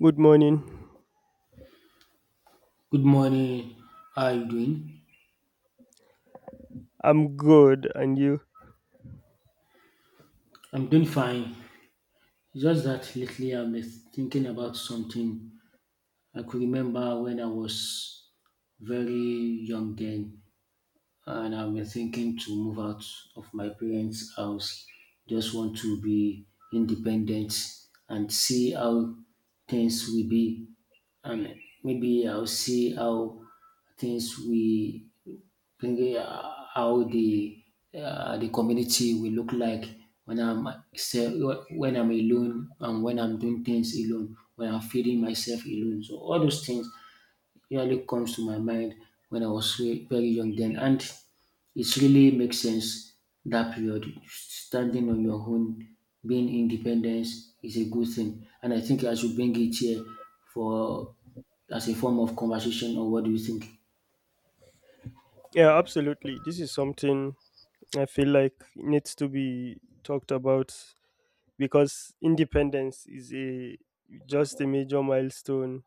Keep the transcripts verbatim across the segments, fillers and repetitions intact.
Good morning. Good morning. How are you doing? I'm good, and you? I'm doing fine. It's just that lately I have been thinking about something. I could remember when I was very young then, and I've been thinking to move out of my parents' house. Just want to be independent and see how things will be, and maybe I'll see how things will thinking uh, how the uh, the community will look like when I'm self, when I'm alone and when I'm doing things alone, when I'm feeding myself alone. So all those things really comes to my mind when I was ve- very young then, and it really makes sense that period. Standing on your own, being independent is a good thing, and I think I should bring it here for as a form of conversation. Or what do you think? Yeah, absolutely. This is something I feel like needs to be talked about because independence is a just a major milestone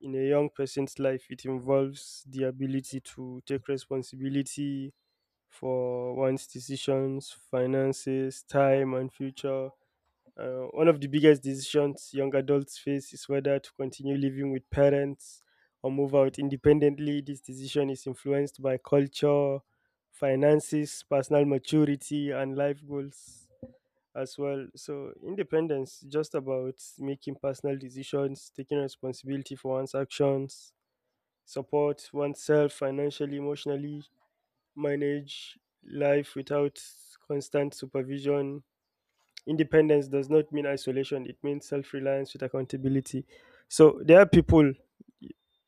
in a young person's life. It involves the ability to take responsibility for one's decisions, finances, time, and future. Uh, one of the biggest decisions young adults face is whether to continue living with parents or move out independently. This decision is influenced by culture, finances, personal maturity, and life goals as well. So, independence is just about making personal decisions, taking responsibility for one's actions, support oneself financially, emotionally, manage life without constant supervision. Independence does not mean isolation, it means self reliance with accountability. So there are people,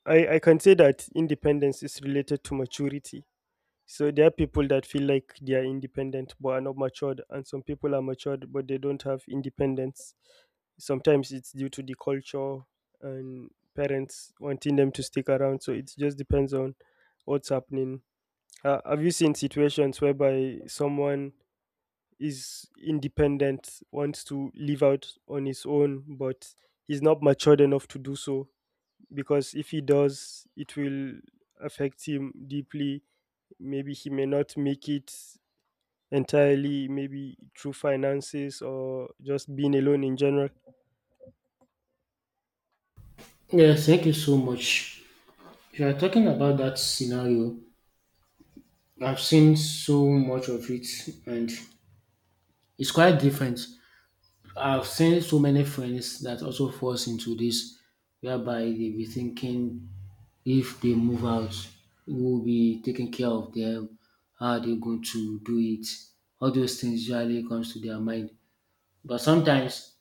I, I can say that independence is related to maturity. So there are people that feel like they are independent but are not matured, and some people are matured but they don't have independence. Sometimes it's due to the culture and parents wanting them to stick around. So it just depends on what's happening. Uh, have you seen situations whereby someone is independent, wants to live out on his own, but he's not matured enough to do so, because if he does, it will affect him deeply. Maybe he may not make it entirely, maybe through finances or just being alone in general. Yeah, thank you so much. If you are talking about that scenario, I've seen so much of it and it's quite different. I've seen so many friends that also falls into this whereby they be thinking if they move out, who will be taking care of them, how are they going to do it? All those things usually comes to their mind. But sometimes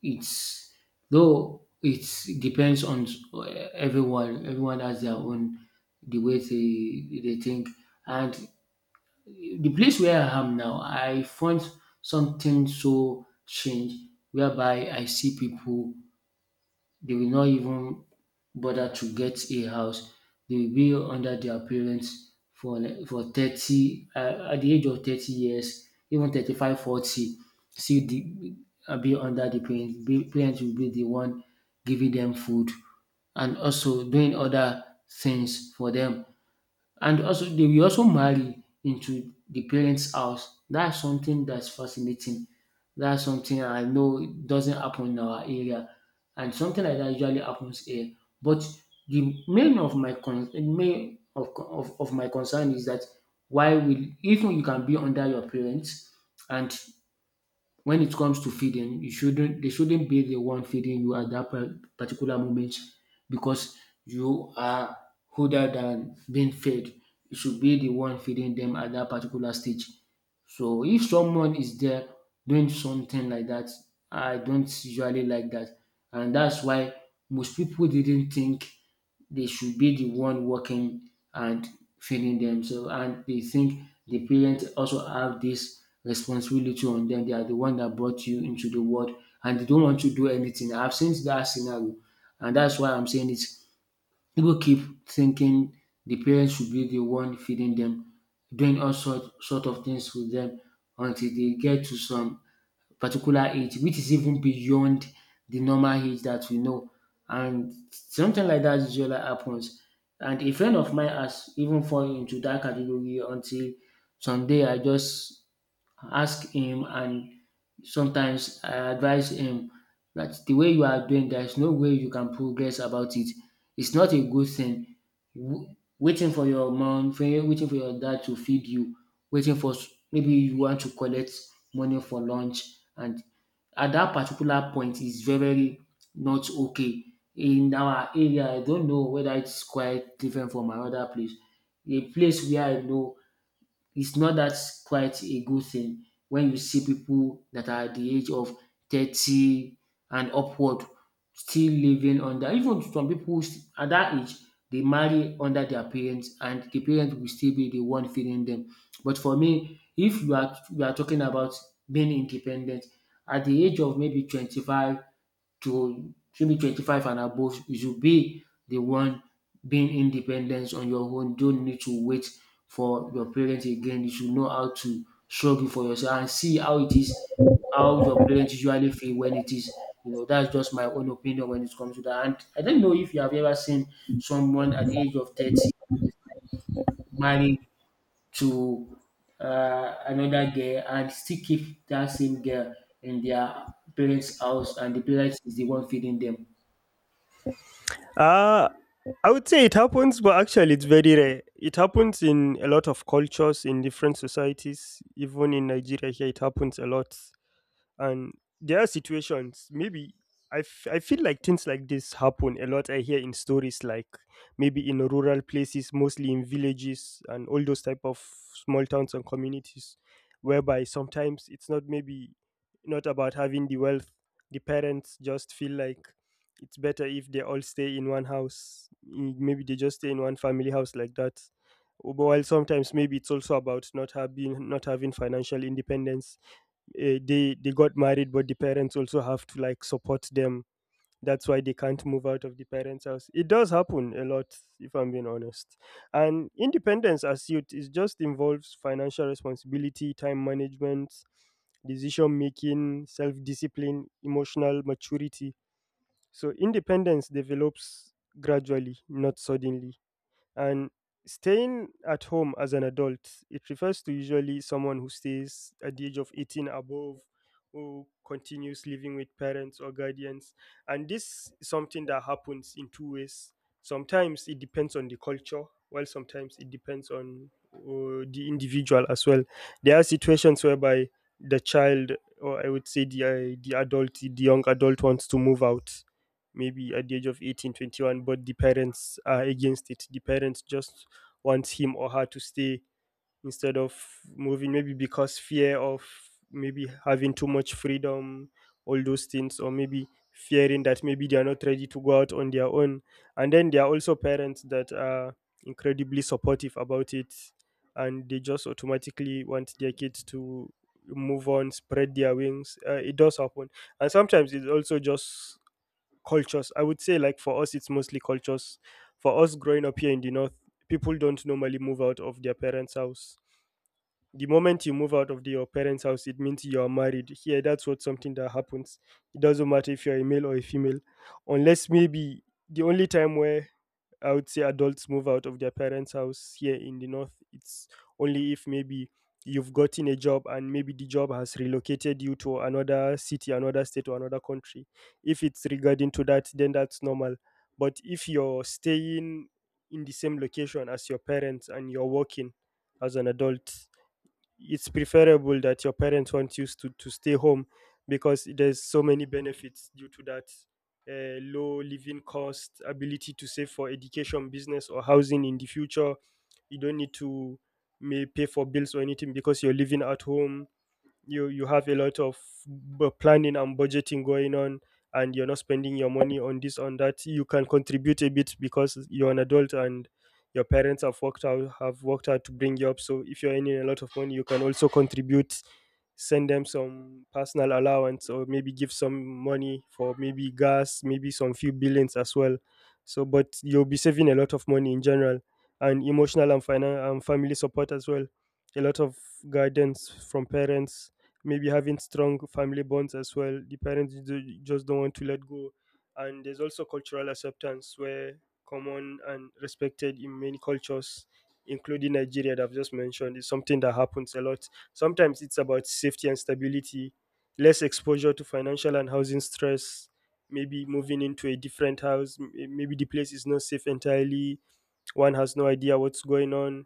It's though it depends on everyone. Everyone has their own the way they they think. And the place where I am now, I found something so strange whereby I see people they will not even bother to get a house. They will be under their parents for like for thirty uh, at the age of thirty years, even thirty five, forty. 40, still the, uh, be under the parents. Be, parents will be the one giving them food and also doing other things for them and also they will also marry into the parents' house. That's something that's fascinating. That's something I know doesn't happen in our area. And something like that usually happens here. But the main of my con- main of, of, of my concern is that why will even you can be under your parents and when it comes to feeding, you shouldn't they shouldn't be the one feeding you at that par- particular moment because you are older than being fed. You should be the one feeding them at that particular stage. So if someone is there doing something like that, I don't usually like that. And that's why most people didn't think they should be the one working and feeding themselves. And they think the parents also have this responsibility on them. They are the one that brought you into the world and they don't want to do anything. I've seen that scenario, and that's why I'm saying it. People keep thinking the parents should be the one feeding them, doing all sort, sort of things with them until they get to some particular age, which is even beyond the normal age that we know. And something like that usually happens. And a friend of mine has even fallen into that category until someday I just ask him and sometimes I advise him that the way you are doing there is no way you can progress about it. It's not a good thing. W- Waiting for your mom, for waiting for your dad to feed you, waiting for s- maybe you want to collect money for lunch, and at that particular point is very very not okay. In our area, I don't know whether it's quite different from another place. A place where I know it's not that quite a good thing when you see people that are at the age of thirty and upward still living under even some people st- at that age they marry under their parents and the parents will still be the one feeding them but for me if you are you are talking about being independent at the age of maybe twenty-five to maybe twenty-five and above, you should be the one being independent on your own. Don't need to wait for your parents again. You should know how to struggle for yourself and see how it is, how your parents usually feel when it is. You know, that's just my own opinion when it comes to that. And I don't know if you have ever seen someone at the age of thirty married to uh, another girl and still keep that same girl in their parents' house, and the parents is the one feeding them. Uh, I would say it happens, but actually, it's very rare. It happens in a lot of cultures, in different societies, even in Nigeria here, it happens a lot. And there are situations maybe I, f- I feel like things like this happen a lot, I hear in stories like maybe in rural places, mostly in villages and all those type of small towns and communities, whereby sometimes it's not maybe not about having the wealth The parents just feel like it's better if they all stay in one house. Mm, maybe they just stay in one family house like that. But while sometimes maybe it's also about not having not having financial independence. Eh, they they got married but the parents also have to like support them, that's why they can't move out of the parents' house. It does happen a lot, if I'm being honest. And independence as youth, it just involves financial responsibility, time management, decision making, self discipline, emotional maturity. So independence develops gradually, not suddenly. And staying at home as an adult, it refers to usually someone who stays at the age of eighteen above, who continues living with parents or guardians. And this is something that happens in two ways. Sometimes it depends on the culture, while sometimes it depends on uh, the individual as well. There are situations whereby the child, or I would say the uh, the adult, the young adult, wants to move out maybe at the age of eighteen, twenty-one, but the parents are against it. The parents just want him or her to stay instead of moving, maybe because fear of maybe having too much freedom, all those things, or maybe fearing that maybe they are not ready to go out on their own. And then there are also parents that are incredibly supportive about it, and they just automatically want their kids to move on, spread their wings. Uh, it does happen. And sometimes it's also just cultures, I would say. Like for us, it's mostly cultures. For us growing up here in the north, people don't normally move out of their parents' house. The moment you move out of the- your parents' house, it means you are married here. That's what something that happens. It doesn't matter if you're a male or a female. Unless maybe the only time where I would say adults move out of their parents' house here in the north, it's only if maybe you've gotten a job and maybe the job has relocated you to another city, another state, or another country. If it's regarding to that, then that's normal. But if you're staying in the same location as your parents and you're working as an adult, it's preferable that your parents want you to, to stay home, because there's so many benefits due to that. Uh, low living cost, ability to save for education, business, or housing in the future. You don't need to may pay for bills or anything because you're living at home. You you have a lot of bu- planning and budgeting going on, and you're not spending your money on this on that. You can contribute a bit because you're an adult and your parents have worked out have worked out to bring you up. So if you're earning a lot of money, you can also contribute, send them some personal allowance, or maybe give some money for maybe gas, maybe some few billings as well. So, but you'll be saving a lot of money in general. And emotional and, finan- and family support as well. A lot of guidance from parents, maybe having strong family bonds as well. The parents ju- just don't want to let go. And there's also cultural acceptance where common and respected in many cultures, including Nigeria that I've just mentioned, is something that happens a lot. Sometimes it's about safety and stability, less exposure to financial and housing stress, maybe moving into a different house, m- maybe the place is not safe entirely, one has no idea what's going on,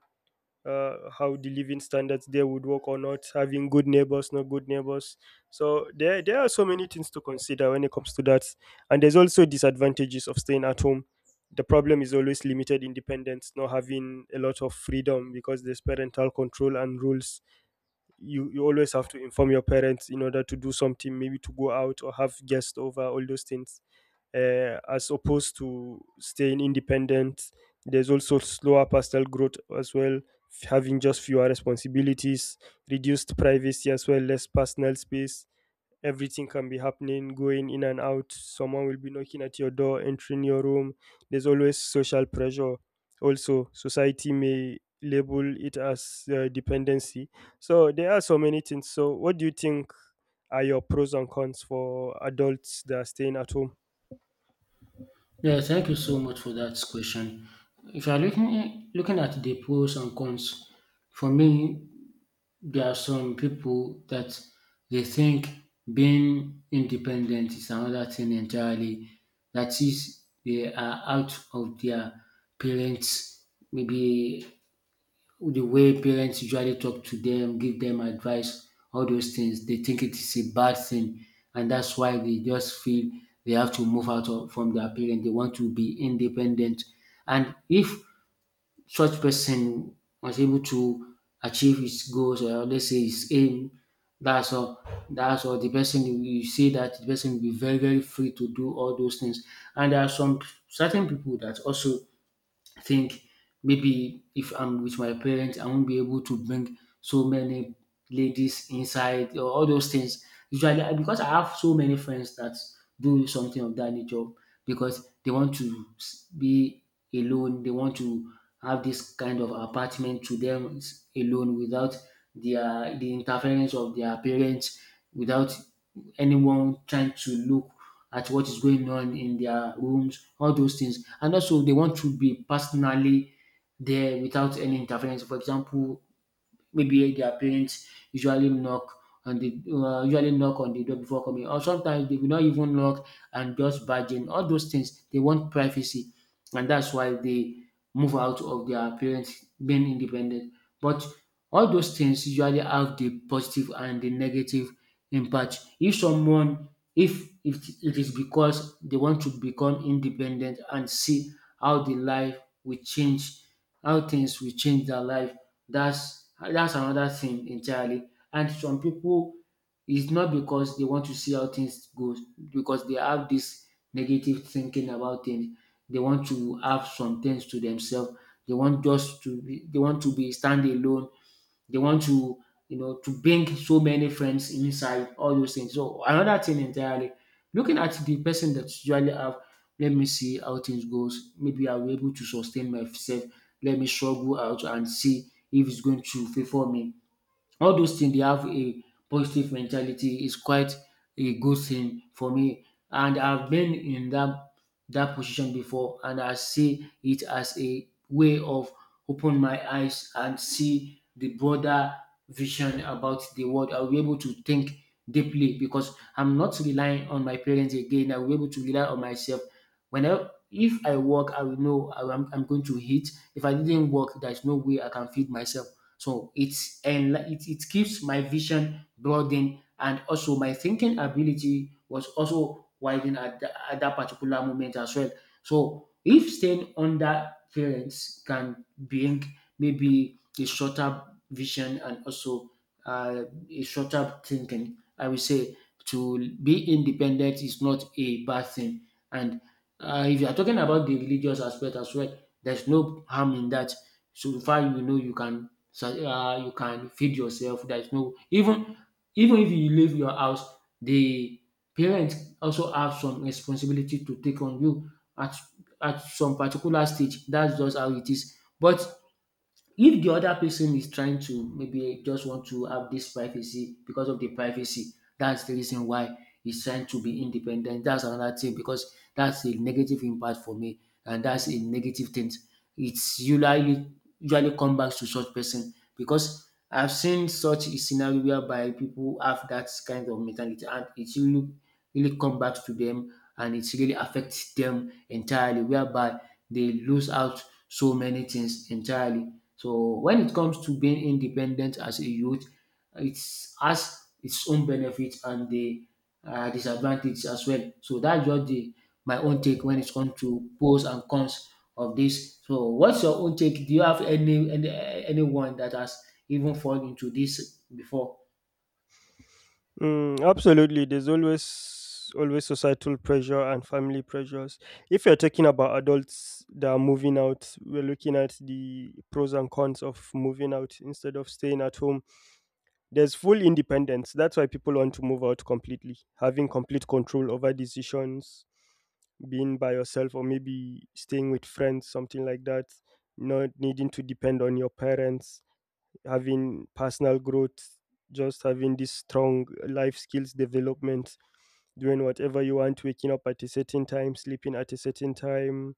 uh, how the living standards there would work or not, having good neighbors, not good neighbors. So there, there are so many things to consider when it comes to that. And there's also disadvantages of staying at home. The problem is always limited independence, not having a lot of freedom because there's parental control and rules. You, you always have to inform your parents in order to do something, maybe to go out or have guests over, all those things, uh, as opposed to staying independent. There's also slower personal growth as well, f- having just fewer responsibilities, reduced privacy as well, less personal space. Everything can be happening, going in and out. Someone will be knocking at your door, entering your room. There's always social pressure. Also, society may label it as uh, dependency. So, there are so many things. So, what do you think are your pros and cons for adults that are staying at home? Yeah, thank you so much for that question. If you're looking looking at the pros and cons, for me, there are some people that they think being independent is another thing entirely. That is, they are out of their parents, maybe the way parents usually talk to them, give them advice, all those things, they think it is a bad thing. And that's why they just feel they have to move out of, from their parents. They want to be independent. And if such person was able to achieve his goals or let's say his aim, that's all. That's all. The person you you see that the person will be very, very free to do all those things. And there are some certain people that also I think maybe if I'm with my parents, I won't be able to bring so many ladies inside or all those things. Usually, I- because I have so many friends that do something of that nature because they want to s- be alone, they want to have this kind of apartment to them s- alone without their the interference of their parents, without anyone trying to look at what is going on in their rooms, all those things. And also, they want to be personally there without any interference. For example, maybe their parents usually knock on the uh, usually knock on the door before coming or sometimes they will not even knock and just barge in all those things they want privacy and that's why they move out of their parents being independent but all those things usually have the positive and the negative impact if someone if if it is because they want to become independent and see how the life will change how things will change their life that's that's another thing entirely. And some people it's not because they want to see how things go because they have this negative thinking about things. They want to have some things to themselves. They want just to be, they want to be stand alone they want to, you know, to bring so many friends inside, all those things. So another thing entirely, looking at the person that usually have, let me see how things goes. Maybe I'll be able to sustain myself. Let me struggle out and see if it's going to favor me. All those things they have a positive mentality is quite a good thing for me and I've been in that that position before and I see it as a way of open my eyes and see the broader vision about the world. I'll be able to think deeply because I'm not relying on my parents again. I will be able to rely on myself. When I, if I work, I will know I am, I'm going to eat. If I didn't work, there's no way I can feed myself. So it's and it, it keeps my vision broadened and also my thinking ability was also widened at, tha- at that particular moment as well. So if staying under parents can bring maybe a shorter vision and also uh, a shorter thinking, I would say to be independent is not a bad thing. And uh, if you are talking about the religious aspect as well, there's no harm in that. So far, you know, you can so uh, you can feed yourself. There is no even even if you leave your house, the parents also have some responsibility to take on you at at some particular stage. That's just how it is. But if the other person is trying to maybe just want to have this privacy because of the privacy, that's the reason why he's trying to be independent. That's another thing because that's a negative impact for me, and that's a negative thing. It's usually usually come back to such person because I've seen such a scenario whereby people have that kind of mentality, and it really really come back to them, and it really affects them entirely, whereby they lose out so many things entirely. So when it comes to being independent as a youth, it has its own benefits and the uh, disadvantage as well. So that's just the, my own take when it comes to pros and cons of this. So what's your own take? Do you have any, any anyone that has even fallen into this before? Mm, absolutely. There's always always societal pressure and family pressures. If you're talking about adults that are moving out, we're looking at the pros and cons of moving out instead of staying at home. There's full independence. That's why people want to move out completely, having complete control over decisions, being by yourself or maybe staying with friends, something like that, not needing to depend on your parents, having personal growth, just having this strong life skills development, doing whatever you want, waking up at a certain time, sleeping at a certain time,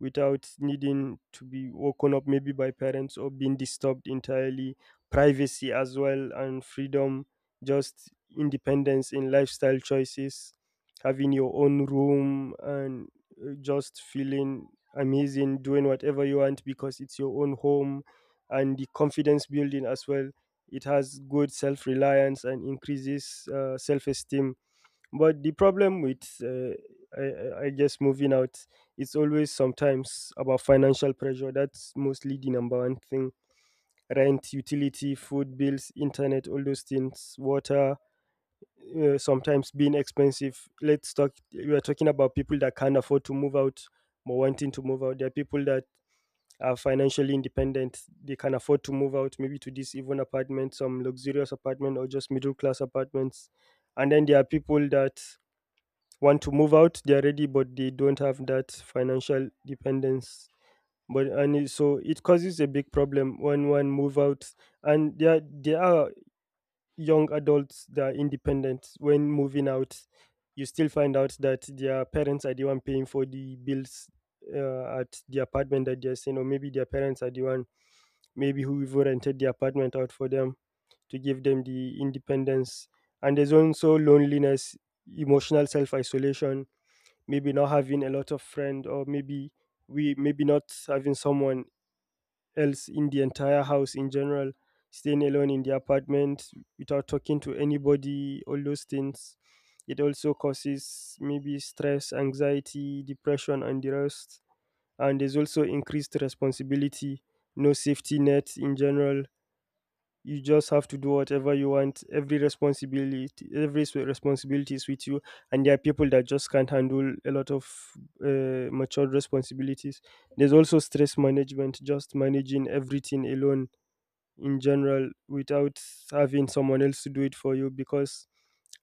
without needing to be woken up maybe by parents or being disturbed entirely. Privacy as well and freedom, just independence in lifestyle choices, having your own room and uh, just feeling amazing doing whatever you want because it's your own home. And the confidence building as well, it has good self-reliance and increases uh, self-esteem. But the problem with, uh, I, I I guess, moving out, it's always sometimes about financial pressure. That's mostly the number one thing. Rent, utility, food bills, internet, all those things, water, uh, sometimes being expensive. Let's talk, we are talking about people that can't afford to move out or wanting to move out. There are people that are financially independent. They can afford to move out, maybe to this even apartment, some luxurious apartment, or just middle class apartments. And then there are people that want to move out. They're ready but they don't have that financial dependence, but and it- so it causes a big problem when one move out. And there there are young adults that are independent when moving out. You still find out that their parents are the one paying for the bills uh, at the apartment that they're staying, or maybe their parents are the one, maybe, who even rented the apartment out for them to give them the independence. And there's also loneliness, emotional self-isolation, maybe not having a lot of friend, or maybe we maybe not having someone else in the entire house in general, staying alone in the apartment without talking to anybody, all those things. It also causes maybe stress, anxiety, depression, and the rest. And there's also increased responsibility, no safety net in general. You just have to do whatever you want. Every responsibility, every s- responsibility is with you. And there are people that just can't handle a lot of uh, matured responsibilities. There's also stress management, just managing everything alone in general without having someone else to do it for you, because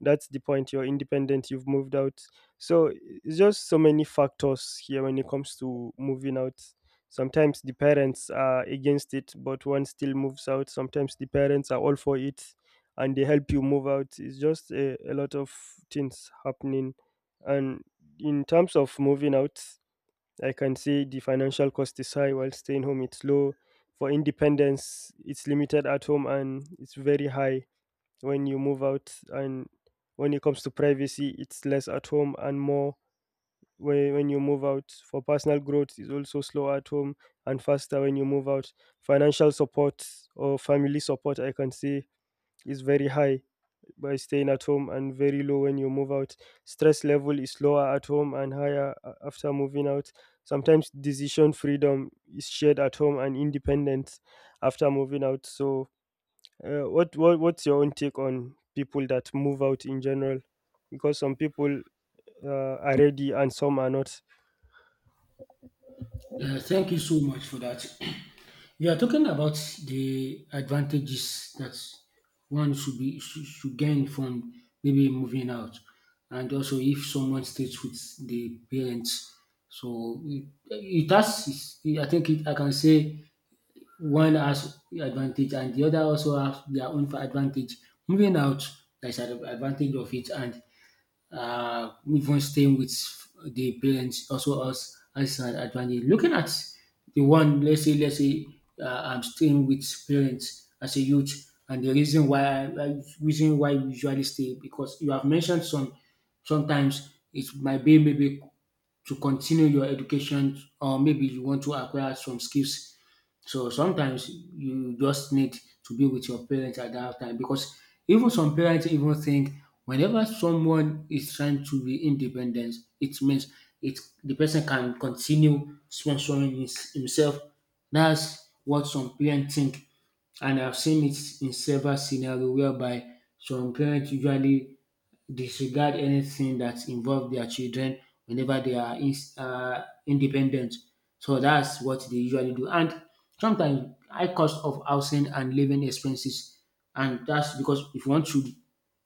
that's the point: you're independent, you've moved out. So it's just so many factors here when it comes to moving out. Sometimes the parents are against it but one still moves out. Sometimes the parents are all for it and they help you move out. It's just a, a lot of things happening. And in terms of moving out, I can say the financial cost is high while staying home it's low. For independence, it's limited at home and it's very high when you move out. And when it comes to privacy, it's less at home and more when, when you move out. For personal growth, it's also slow at home and faster when you move out. Financial support, or family support, I can say, is very high by staying at home and very low when you move out. Stress level is lower at home and higher a- after moving out. Sometimes decision freedom is shared at home and independent after moving out. So, uh, what, what what's your own take on people that move out in general? Because some people uh, are ready and some are not. Yeah, thank you so much for that. You are talking about the advantages that one should be should should gain from maybe moving out, and also if someone stays with the parents. So it it has, its I think it, I can say one has advantage and the other also have their own advantage. Moving out, there's an advantage of it, and uh, even staying with the parents also us as an advantage. Looking at the one, let's say, let's say uh, I'm staying with parents as a youth, and the reason why uh, reason why you usually stay because you have mentioned some sometimes it might be maybe to continue your education or maybe you want to acquire some skills, so sometimes you just need to be with your parents at that time, because even some parents even think whenever someone is trying to be independent, it means it the person can continue sponsoring his, himself. That's what some parents think, and I've seen it in several scenarios whereby some parents usually disregard anything that involve their children whenever they are ins uh independent. So that's what they usually do. And sometimes high cost of housing and living expenses, and that's because if you want to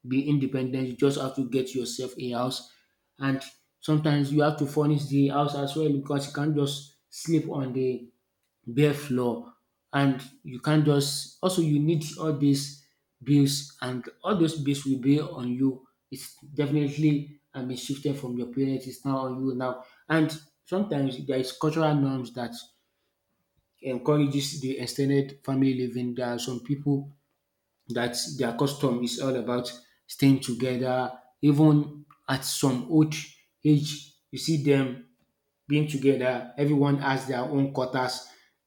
be independent you just have to get yourself a house, and sometimes you have to furnish the house as well because you can't just sleep on the bare floor, and you can't just also you need all these bills and all those bills will be on you. It's definitely I been shifted from your parents, it's now on you now. And sometimes there is cultural norms that encourages the extended family living. There are some people that their custom is all about staying together, even at some old age you see them being together. Everyone has their own quarters,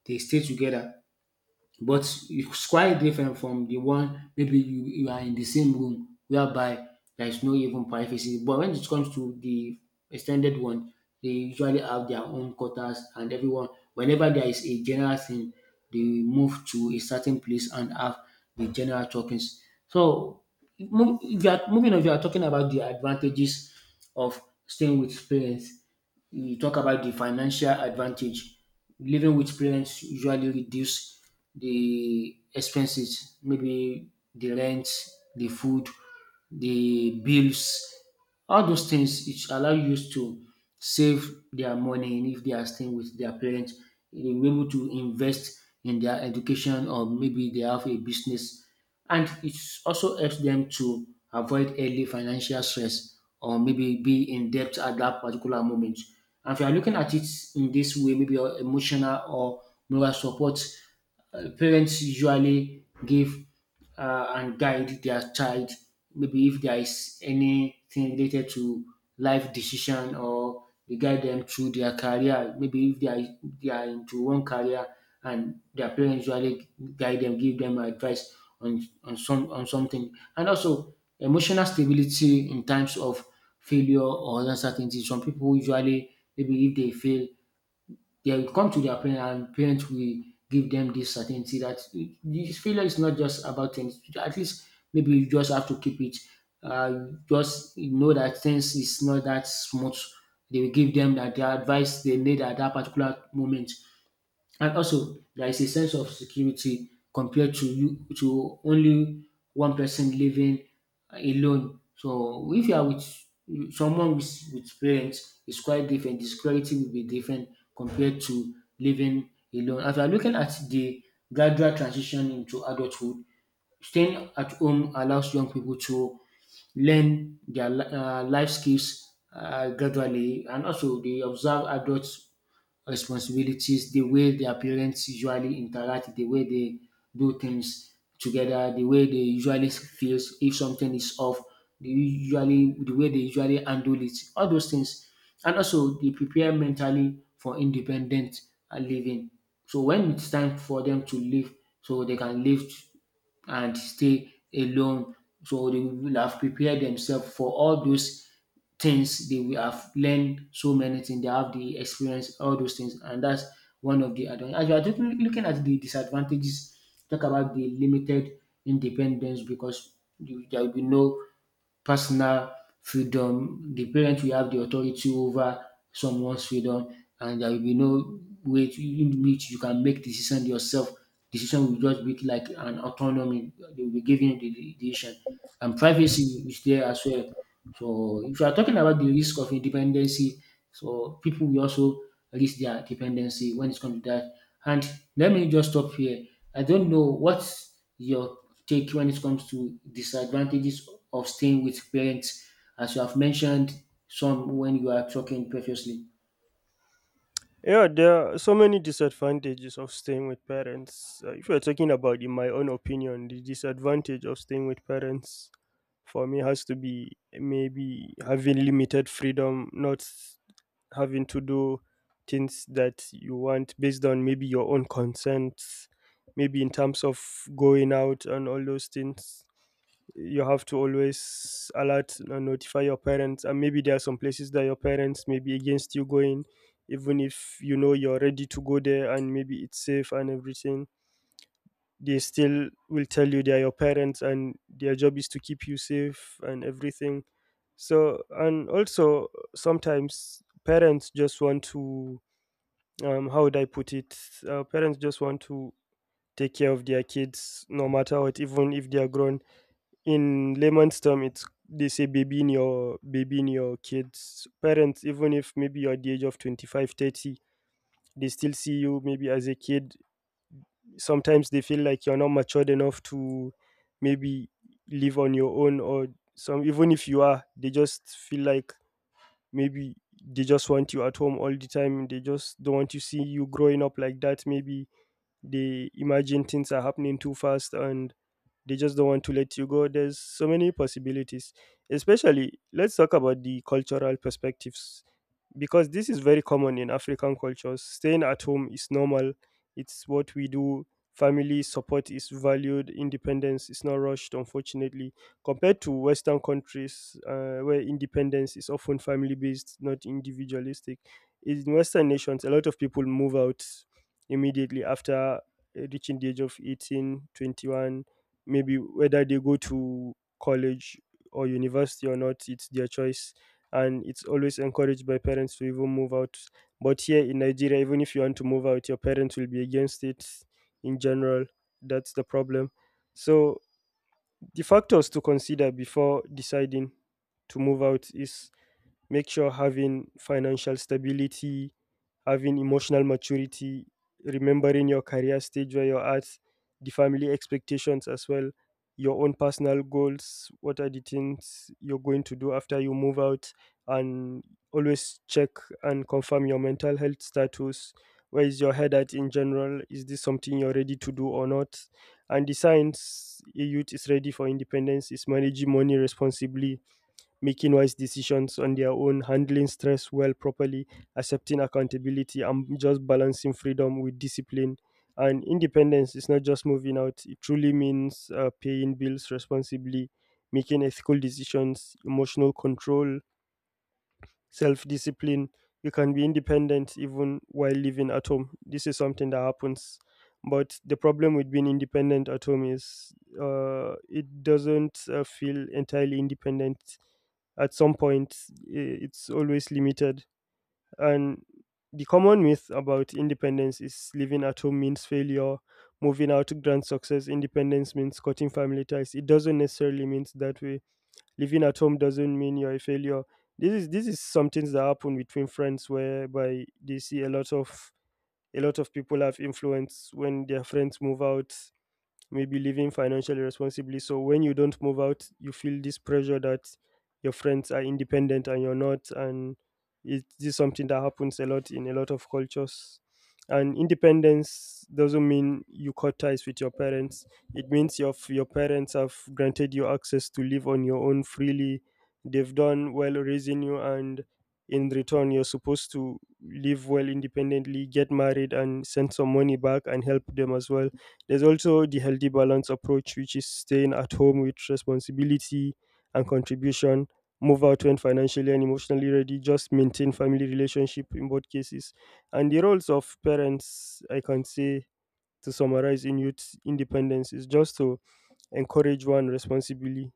they stay together, but it's quite different from the one maybe you, you are in the same room whereby there is no even privacy. But when it comes to the extended one, they usually have their own quarters, and everyone, whenever there is a general thing, they move to a certain place and have the general talkings. So mov- if you are moving on, if you are talking about the advantages of staying with parents, you talk about the financial advantage. Living with parents usually reduce the expenses, maybe the rent, the food, the bills, all those things. It allow you to save their money, and if they are staying with their parents, they will be able to invest in their education or maybe they have a business. And it also helps them to avoid early financial stress or maybe be in debt at that particular moment. And if you are looking at it in this way, maybe your emotional or moral support, uh, parents usually give uh, and guide their child. Maybe if there is anything related to life decision, or they guide them through their career. Maybe if they are, they are into one career and their parents usually guide them, give them advice on on some on something. And also emotional stability in times of failure or uncertainty. Some people usually, maybe if they fail, they will come to their parents, and parents will give them this certainty that this failure is not just about things. At least maybe you just have to keep it. Uh, just know that things is not that smooth. They will give them that the advice they need at that particular moment. And also, there is a sense of security compared to you to only one person living alone. So if you are with someone with, with parents, it's quite different. The security will be different compared to living alone. As we are looking at the gradual transition into adulthood, staying at home allows young people to learn their li- uh, life skills uh, gradually, and also they observe adults responsibilities, the way their parents usually interact, the way they do things together, the way they usually feels if something is off, the usually the way they usually handle it, all those things, and also they prepare mentally for independent uh, living. So when it's time for them to live, so they can live and stay alone. So they will have prepared themselves for all those things. They will have learned so many things. They have the experience, all those things, and that's one of the advantages. As you are looking looking at the disadvantages, talk about the limited independence, because you, there will be no personal freedom. The parent will have the authority over someone's freedom, and there will be no way to- in which you can make decision yourself. Decision will just be like an autonomy. They will be giving you the the decision, and privacy is there as well. So if you are talking about the risk of independency, so people will also risk their dependency when it comes to that. And let me just stop here. I don't know what's your take when it comes to disadvantages of staying with parents, as you have mentioned some when you are talking previously. Yeah, there are so many disadvantages of staying with parents. Uh, if you're talking about, in my own opinion, the disadvantage of staying with parents, for me has to be maybe having limited freedom, not having to do things that you want based on maybe your own consent, maybe in terms of going out and all those things. You have to always alert and notify your parents, and maybe there are some places that your parents may be against you going, even if you know you're ready to go there and maybe it's safe and everything. They still will tell you they're your parents and their job is to keep you safe and everything. So, and also, sometimes parents just want to, um how would I put it uh, parents just want to take care of their kids no matter what, even if they are grown. In layman's term, it's, they say babying your babying your kids. Parents, even if maybe you're at the age of twenty-five, thirty, they still see you maybe as a kid. Sometimes they feel like you're not matured enough to maybe live on your own. Or some, even if you are, they just feel like maybe they just want you at home all the time. They just don't want to see you growing up like that. Maybe they imagine things are happening too fast, and they just don't want to let you go. There's so many possibilities, especially, let's talk about the cultural perspectives, because this is very common in African cultures. Staying at home is normal, it's what we do. Family support is valued, independence is not rushed, unfortunately, compared to Western countries, uh, where independence is often family based, not individualistic. In Western nations, a lot of people move out immediately after uh, reaching the age of eighteen, twenty-one, maybe. Whether they go to college or university or not, it's their choice, and it's always encouraged by parents to even move out. But here in Nigeria, even if you want to move out, your parents will be against it in general. That's the problem. So, the factors to consider before deciding to move out is, make sure having financial stability, having emotional maturity, remembering your career stage where you're at, the family expectations as well, your own personal goals, what are the things you're going to do after you move out, and always check and confirm your mental health status. Where is your head at in general? Is this something you're ready to do or not? And the signs a youth is ready for independence is managing money responsibly, making wise decisions on their own, handling stress well properly, accepting accountability, and just balancing freedom with discipline. And independence is not just moving out. It truly means uh, paying bills responsibly, making ethical decisions, emotional control, self discipline. You can be independent even while living at home. This is something that happens. But the problem with being independent at home is, uh, it doesn't uh, feel entirely independent. At some point, i- it's always limited. And the common myth about independence is living at home means failure, moving out grand success, independence means cutting family ties. It doesn't necessarily mean that way. Living at home doesn't mean you're a failure. This is this is some things that happen between friends, whereby they see a lot of, a lot of people have influence when their friends move out, maybe living financially responsibly. So when you don't move out, you feel this pressure that your friends are independent and you're not. And it's this something that happens a lot in a lot of cultures. And independence doesn't mean you cut ties with your parents. It means your your parents have granted you access to live on your own freely. They've done well raising you, and in return, you're supposed to live well independently, get married, and send some money back and help them as well. There's also the healthy balance approach, which is staying at home with responsibility and contribution, move out when financially and emotionally ready, just maintain family relationship in both cases. And the roles of parents, I can say, to summarize in youth independence, is just to encourage one responsibly,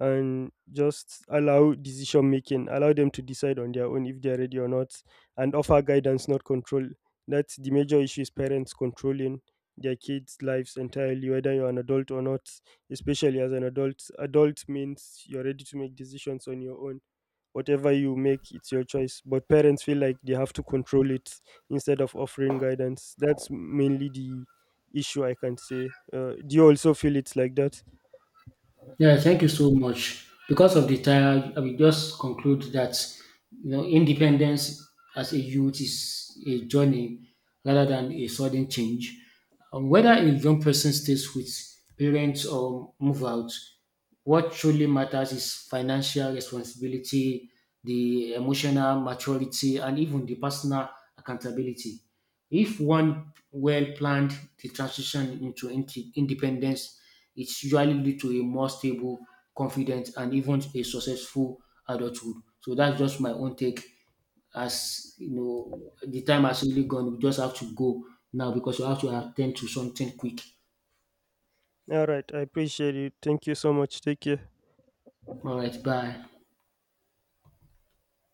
and just allow decision making, allow them to decide on their own if they're ready or not, and offer guidance not control. That's the major issue, is parents controlling their kids lives entirely, whether you're an adult or not. Especially as an adult, adult means you're ready to make decisions on your own. Whatever you make, it's your choice. But parents feel like they have to control it instead of offering guidance. That's mainly the issue I can say. Uh, do you also feel it's like that? Yeah, thank you so much. Because of the time, I will just conclude that you know independence as a youth is a journey rather than a sudden change. Um, whether a young person stays with parents or move out, what truly matters is financial responsibility, the emotional maturity, and even the personal accountability. If one well planned the transition into inde- independence, it usually lead to a more stable, confident, and even a successful adulthood. So that's just my own take. As you know, the time has really gone. We just have to go now because we have to attend to something quick. All right. I appreciate it. Thank you so much. Take care. All right, bye.